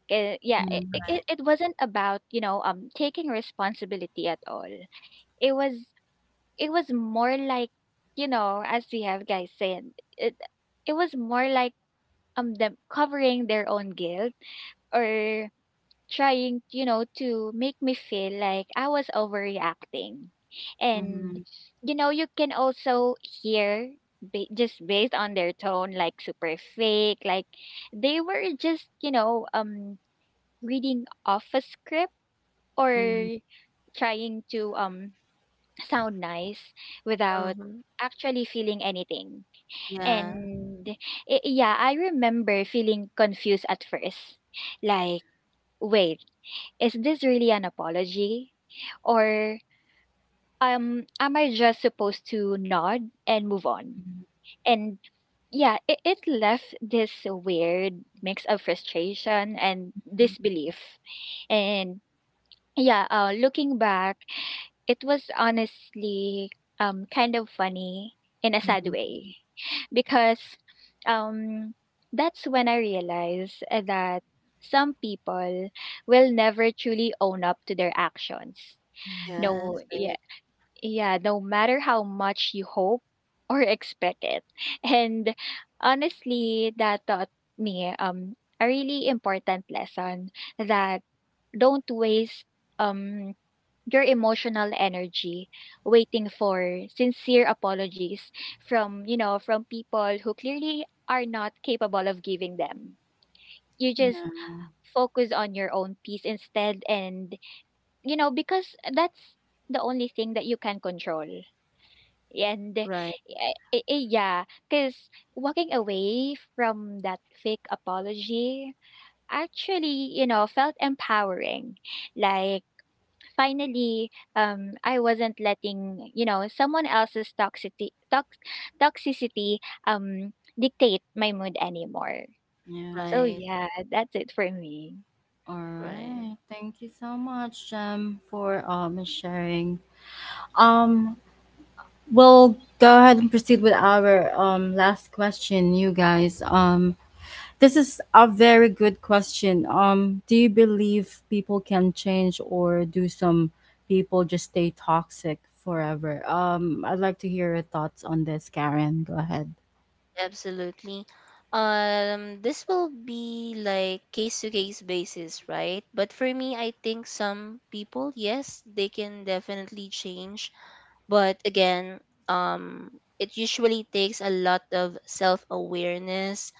'Kay, yeah, it it Mhm. it it wasn't about, you know, taking responsibility at all. It was it was more like, you know, as we have guys said, it it was more like, them covering their own guilt or trying, you know, to make me feel like I was overreacting. And, Mhm. you know, you can also hear just based on their tone, like super fake, like they were just, you know, reading off a script Mhm. or trying to sound nice without Uh-huh. actually feeling anything. Yeah. And I yeah, I remember feeling confused at first, like, wait, is this really an apology, or am I just supposed to nod and move on? And yeah, it left this weird mix of frustration and disbelief. And yeah, looking back, it was honestly kind of funny in a sad Mhm. way because um that's when I realized that some people will never truly own up to their actions. Mhm. No, Yes. Like, yeah, yeah, no matter how much you hope or expect it. And honestly, that taught me a really important lesson, that don't waste um your emotional energy waiting for sincere apologies from from people who clearly are not capable of giving them. You Yeah. just Yeah, focus on your own peace instead, and you know, because that's the only thing that you can control. And right. Yeah, because walking away from that fake apology actually, you know, felt empowering, like finally I wasn't letting, you know, someone else's toxicity toxicity um dictate my mood anymore. So yeah. Right. yeah, that's it for me. All Right. right. Thank you so much, Jem, for sharing. Um, we'll go ahead and proceed with our last question, you guys. This is a very good question. Do you believe people can change, or do some people just stay toxic forever? I'd like to hear your thoughts on this, Karen. Go ahead. Absolutely. This will be like case to case basis, right? But for me, I think some people, yes, they can definitely change. But again, um, it usually takes a lot of self awareness,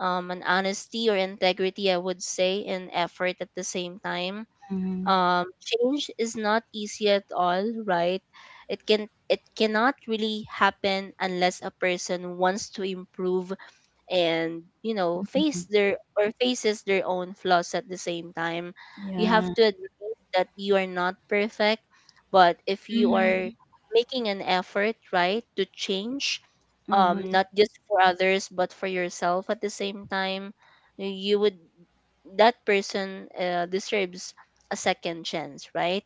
an honesty or integrity, I would say, and effort at the same time. Change is not easy at all, right? It cannot really happen unless a person wants to improve and you know faces their own flaws at the same time. You have Yeah. to admit that you are not perfect. But if you are Mhm. making an effort, right, to change, Mhm. not just for others but for yourself at the same time, you would that person deserves a second chance, right?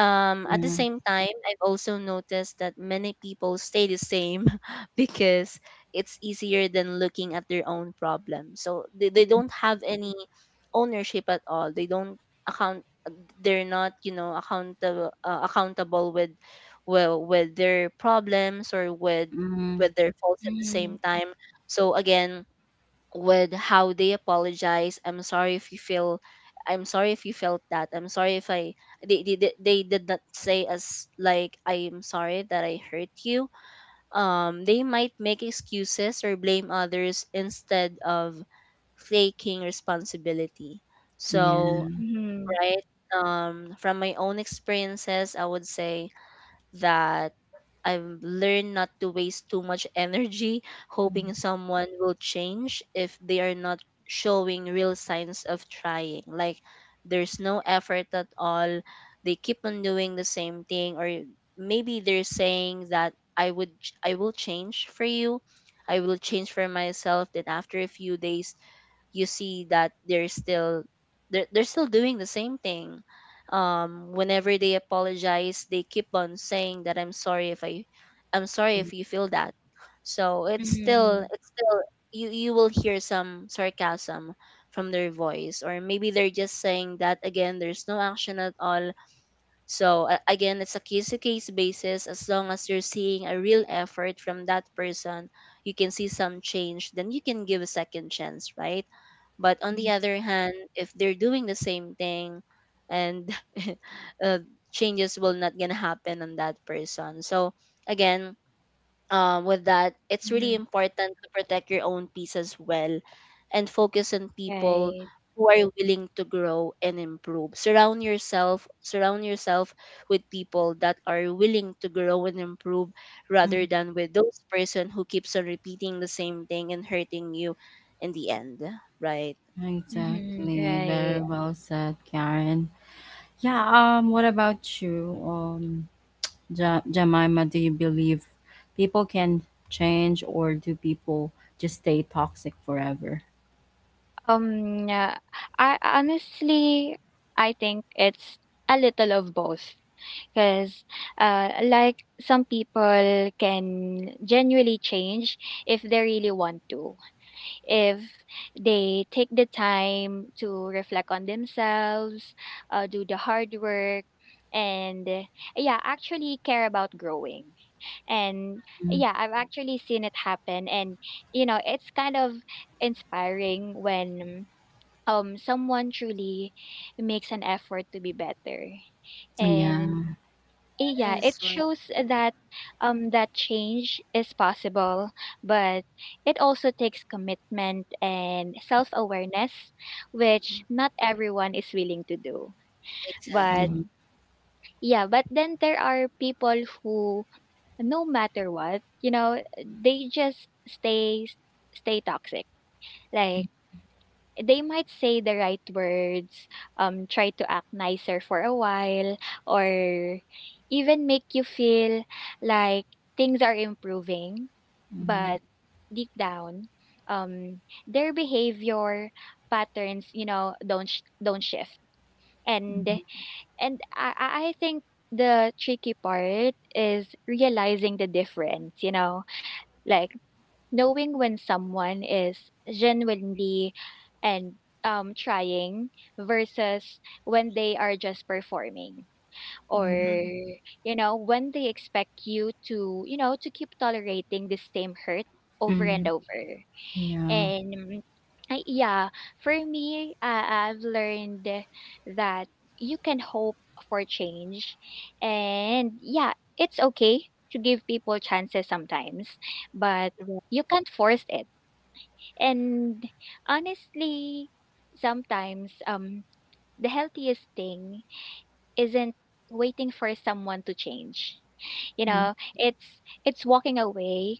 At the Yeah. same time, I've also noticed that many people stay the same because it's easier than looking at their own problem. So they don't have any ownership at all. They don't account. They're not, you know, accountable, with, well, with their problems, or with Mhm. with their faults at the same Mhm. time. So again, with how they apologize. "I'm sorry if you feel," "I'm sorry if you felt that," "I'm sorry if I they did not say as like, "I'm sorry that I hurt you." They might make excuses or blame others instead of taking responsibility. So, Yeah. Mhm. right, from my own experiences, I would say that I've learned not to waste too much energy hoping someone will change if they are not showing real signs of trying. Like there's no effort at all. They keep on doing the same thing, or maybe they're saying that I will change for you. I will change for myself. Then after a few days you see that they're still doing the same thing. Whenever they apologize, they keep on saying that, "I'm sorry if I," "I'm sorry Mhm. if you feel that." So it's still Mhm. it's still you will hear some sarcasm from their voice, or maybe they're just saying that again, there's no action at all. So again, it's a case to case basis. As long as you're seeing a real effort from that person, you can see some change, then you can give a second chance, right? But on the other hand, if they're doing the same thing and uh, changes will not gonna happen on that person. So again, with that, it's really Mhm. important to protect your own peace as well and focus on people Right. who are willing to grow and improve. Surround yourself with people that are willing to grow and improve, rather Mm. than with those person who keeps on repeating the same thing and hurting you in the end, right? Mhm. Exactly. Very Right. well said, Karen. Yeah, what about you? Jemima, do you believe people can change, or do people just stay toxic forever? Yeah, I honestly, I think it's a little of both. Because, like some people can genuinely change if they really want to, if they take the time to reflect on themselves, do the hard work, and yeah, actually care about growing. And Mm. yeah, I've actually seen it happen, and you know, it's kind of inspiring when someone truly makes an effort to be better. And Yeah. eh, yeah, Yes, it right. shows that that change is possible, but it also takes commitment and self-awareness, which not everyone is willing to do. But Mhm, Exactly. yeah, but then there are people who, no matter what, you know, they just stay toxic. Like, they might say the right words, try to act nicer for a while, or even make you feel like things are improving. mhm, But deep down, their behavior patterns, you know, don't shift. And mhm, I think the tricky part is realizing the difference. You know, like, knowing when someone is genuinely and trying versus when they are just performing, or mhm, Mhm. you know, when they expect you to, you know, to keep tolerating the same hurt over and mhm. over. Yeah. And I, yeah, for me, I've learned that you can hope for change. And yeah, it's okay to give people chances sometimes, but you can't force it. And honestly, sometimes the healthiest thing isn't waiting for someone to change. You know, it's walking away,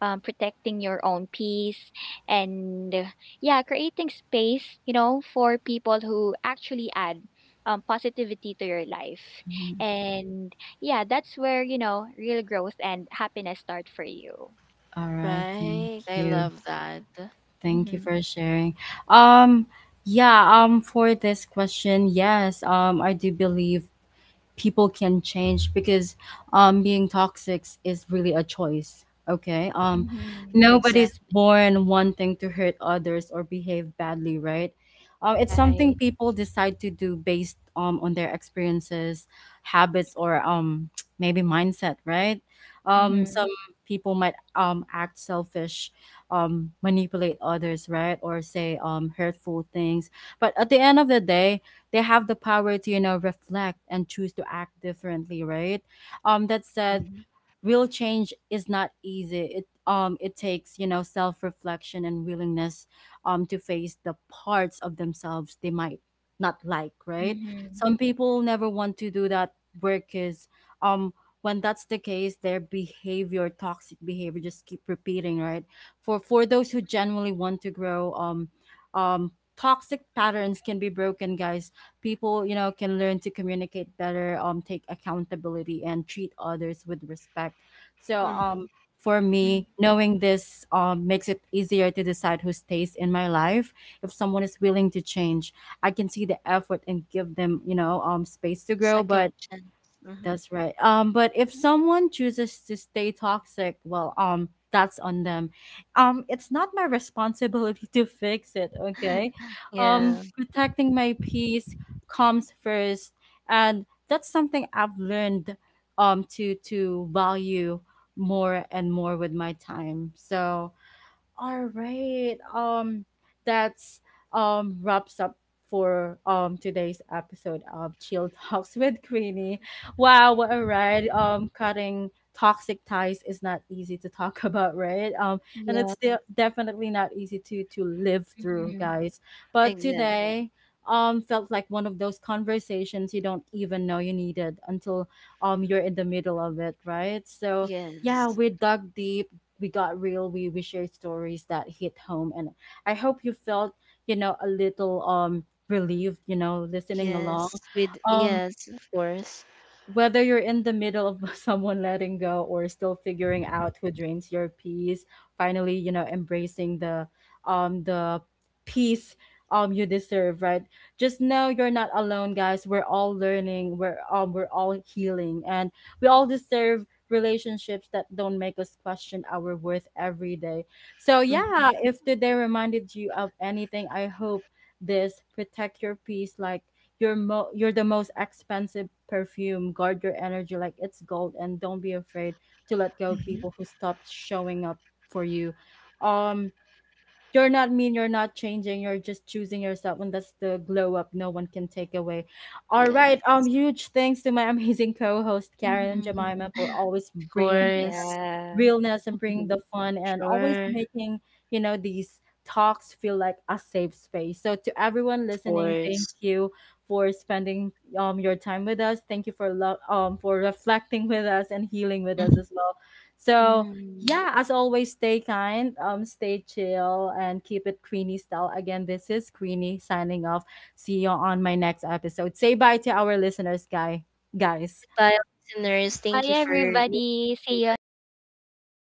protecting your own peace, and yeah, creating space, you know, for people who actually add positivity to your life, Mhm. and yeah, that's where, you know, real growth and happiness start for you. All right, thank Right. I you. love that. Thank you Mm-hmm. for sharing. Um, yeah, for this question, yes, I do believe people can change, because being toxic is really a choice. Okay. Mm-hmm. Nobody's Exactly. born wanting to hurt others or behave badly, right? It's something Right. people decide to do based on their experiences, habits, or maybe mindset, right? Mm-hmm. Some people might act selfish, manipulate others, right? Or say hurtful things. But at the end of the day, they have the power to, you know, reflect and choose to act differently, right? That said, real change is not easy. It it takes, you know, self-reflection and willingness to face the parts of themselves they might not like, right? Mm-hmm. Some people never want to do that work, is um when that's the case, their behavior, toxic behavior, just keep repeating, right? For those who genuinely want to grow, toxic patterns can be broken, guys. People, you know, can learn to communicate better, take accountability and treat others with respect. So for Mm-hmm. me, knowing this makes it easier to decide who stays in my life. If someone is willing to change, I can see the effort and give them, you know, space to grow, second but chance. Hmm. that's right. But if someone chooses to stay toxic, well, that's on them. It's not my responsibility to fix it. Okay, Yeah. Protecting my peace comes first, and that's something I've learned, to value more and more with my time. So, all right. That's wraps up for today's episode of Chill Talks with Queenie. Wow, what a ride! Cutting toxic ties is not easy to talk about, right? And Yeah. it's still definitely not easy to live through, Mm-hmm. guys. But Exactly. today, felt like one of those conversations you don't even know you needed until you're in the middle of it, right? So yeah, Yes. we dug deep, we got real, we shared stories that hit home, and I hope you felt, you know, a little relieved, you know, listening along. Yes. With, um yes, of course. whether you're in the middle of someone letting go or still figuring out who drains your peace, finally, you know, embracing the peace you deserve, right? Just know you're not alone, guys. We're all learning, we're all healing, and we all deserve relationships that don't make us question our worth every day. So Mm-hmm. yeah, if today reminded you of anything, I hope this: protect your peace, like, you're the most expensive perfume. Guard your energy like it's gold, and don't be afraid to let go of Mhm. people who stop showing up for you. um you're not mean, you're not changing, you're just choosing yourself, and that's the glow up no one can take away. All Yes, right, huge thanks to my amazing co-host Karen and Mm-hmm. Jemima for always of bringing course. Yeah. realness and bring the fun and always Sure. Of making, you know, these talks feel like a safe space. So to everyone listening, course. thank you for spending your time with us. Thank you for for reflecting with us and healing with Mhm. us as well. So Mhm. yeah, as always, stay kind, stay chill, and keep it Queenie style. Again, this is Queenie signing off. See you on my next episode. Say bye to our listeners, guys. Goodbye, listeners. Bye, Thank you for listening. everybody. See you on next episode.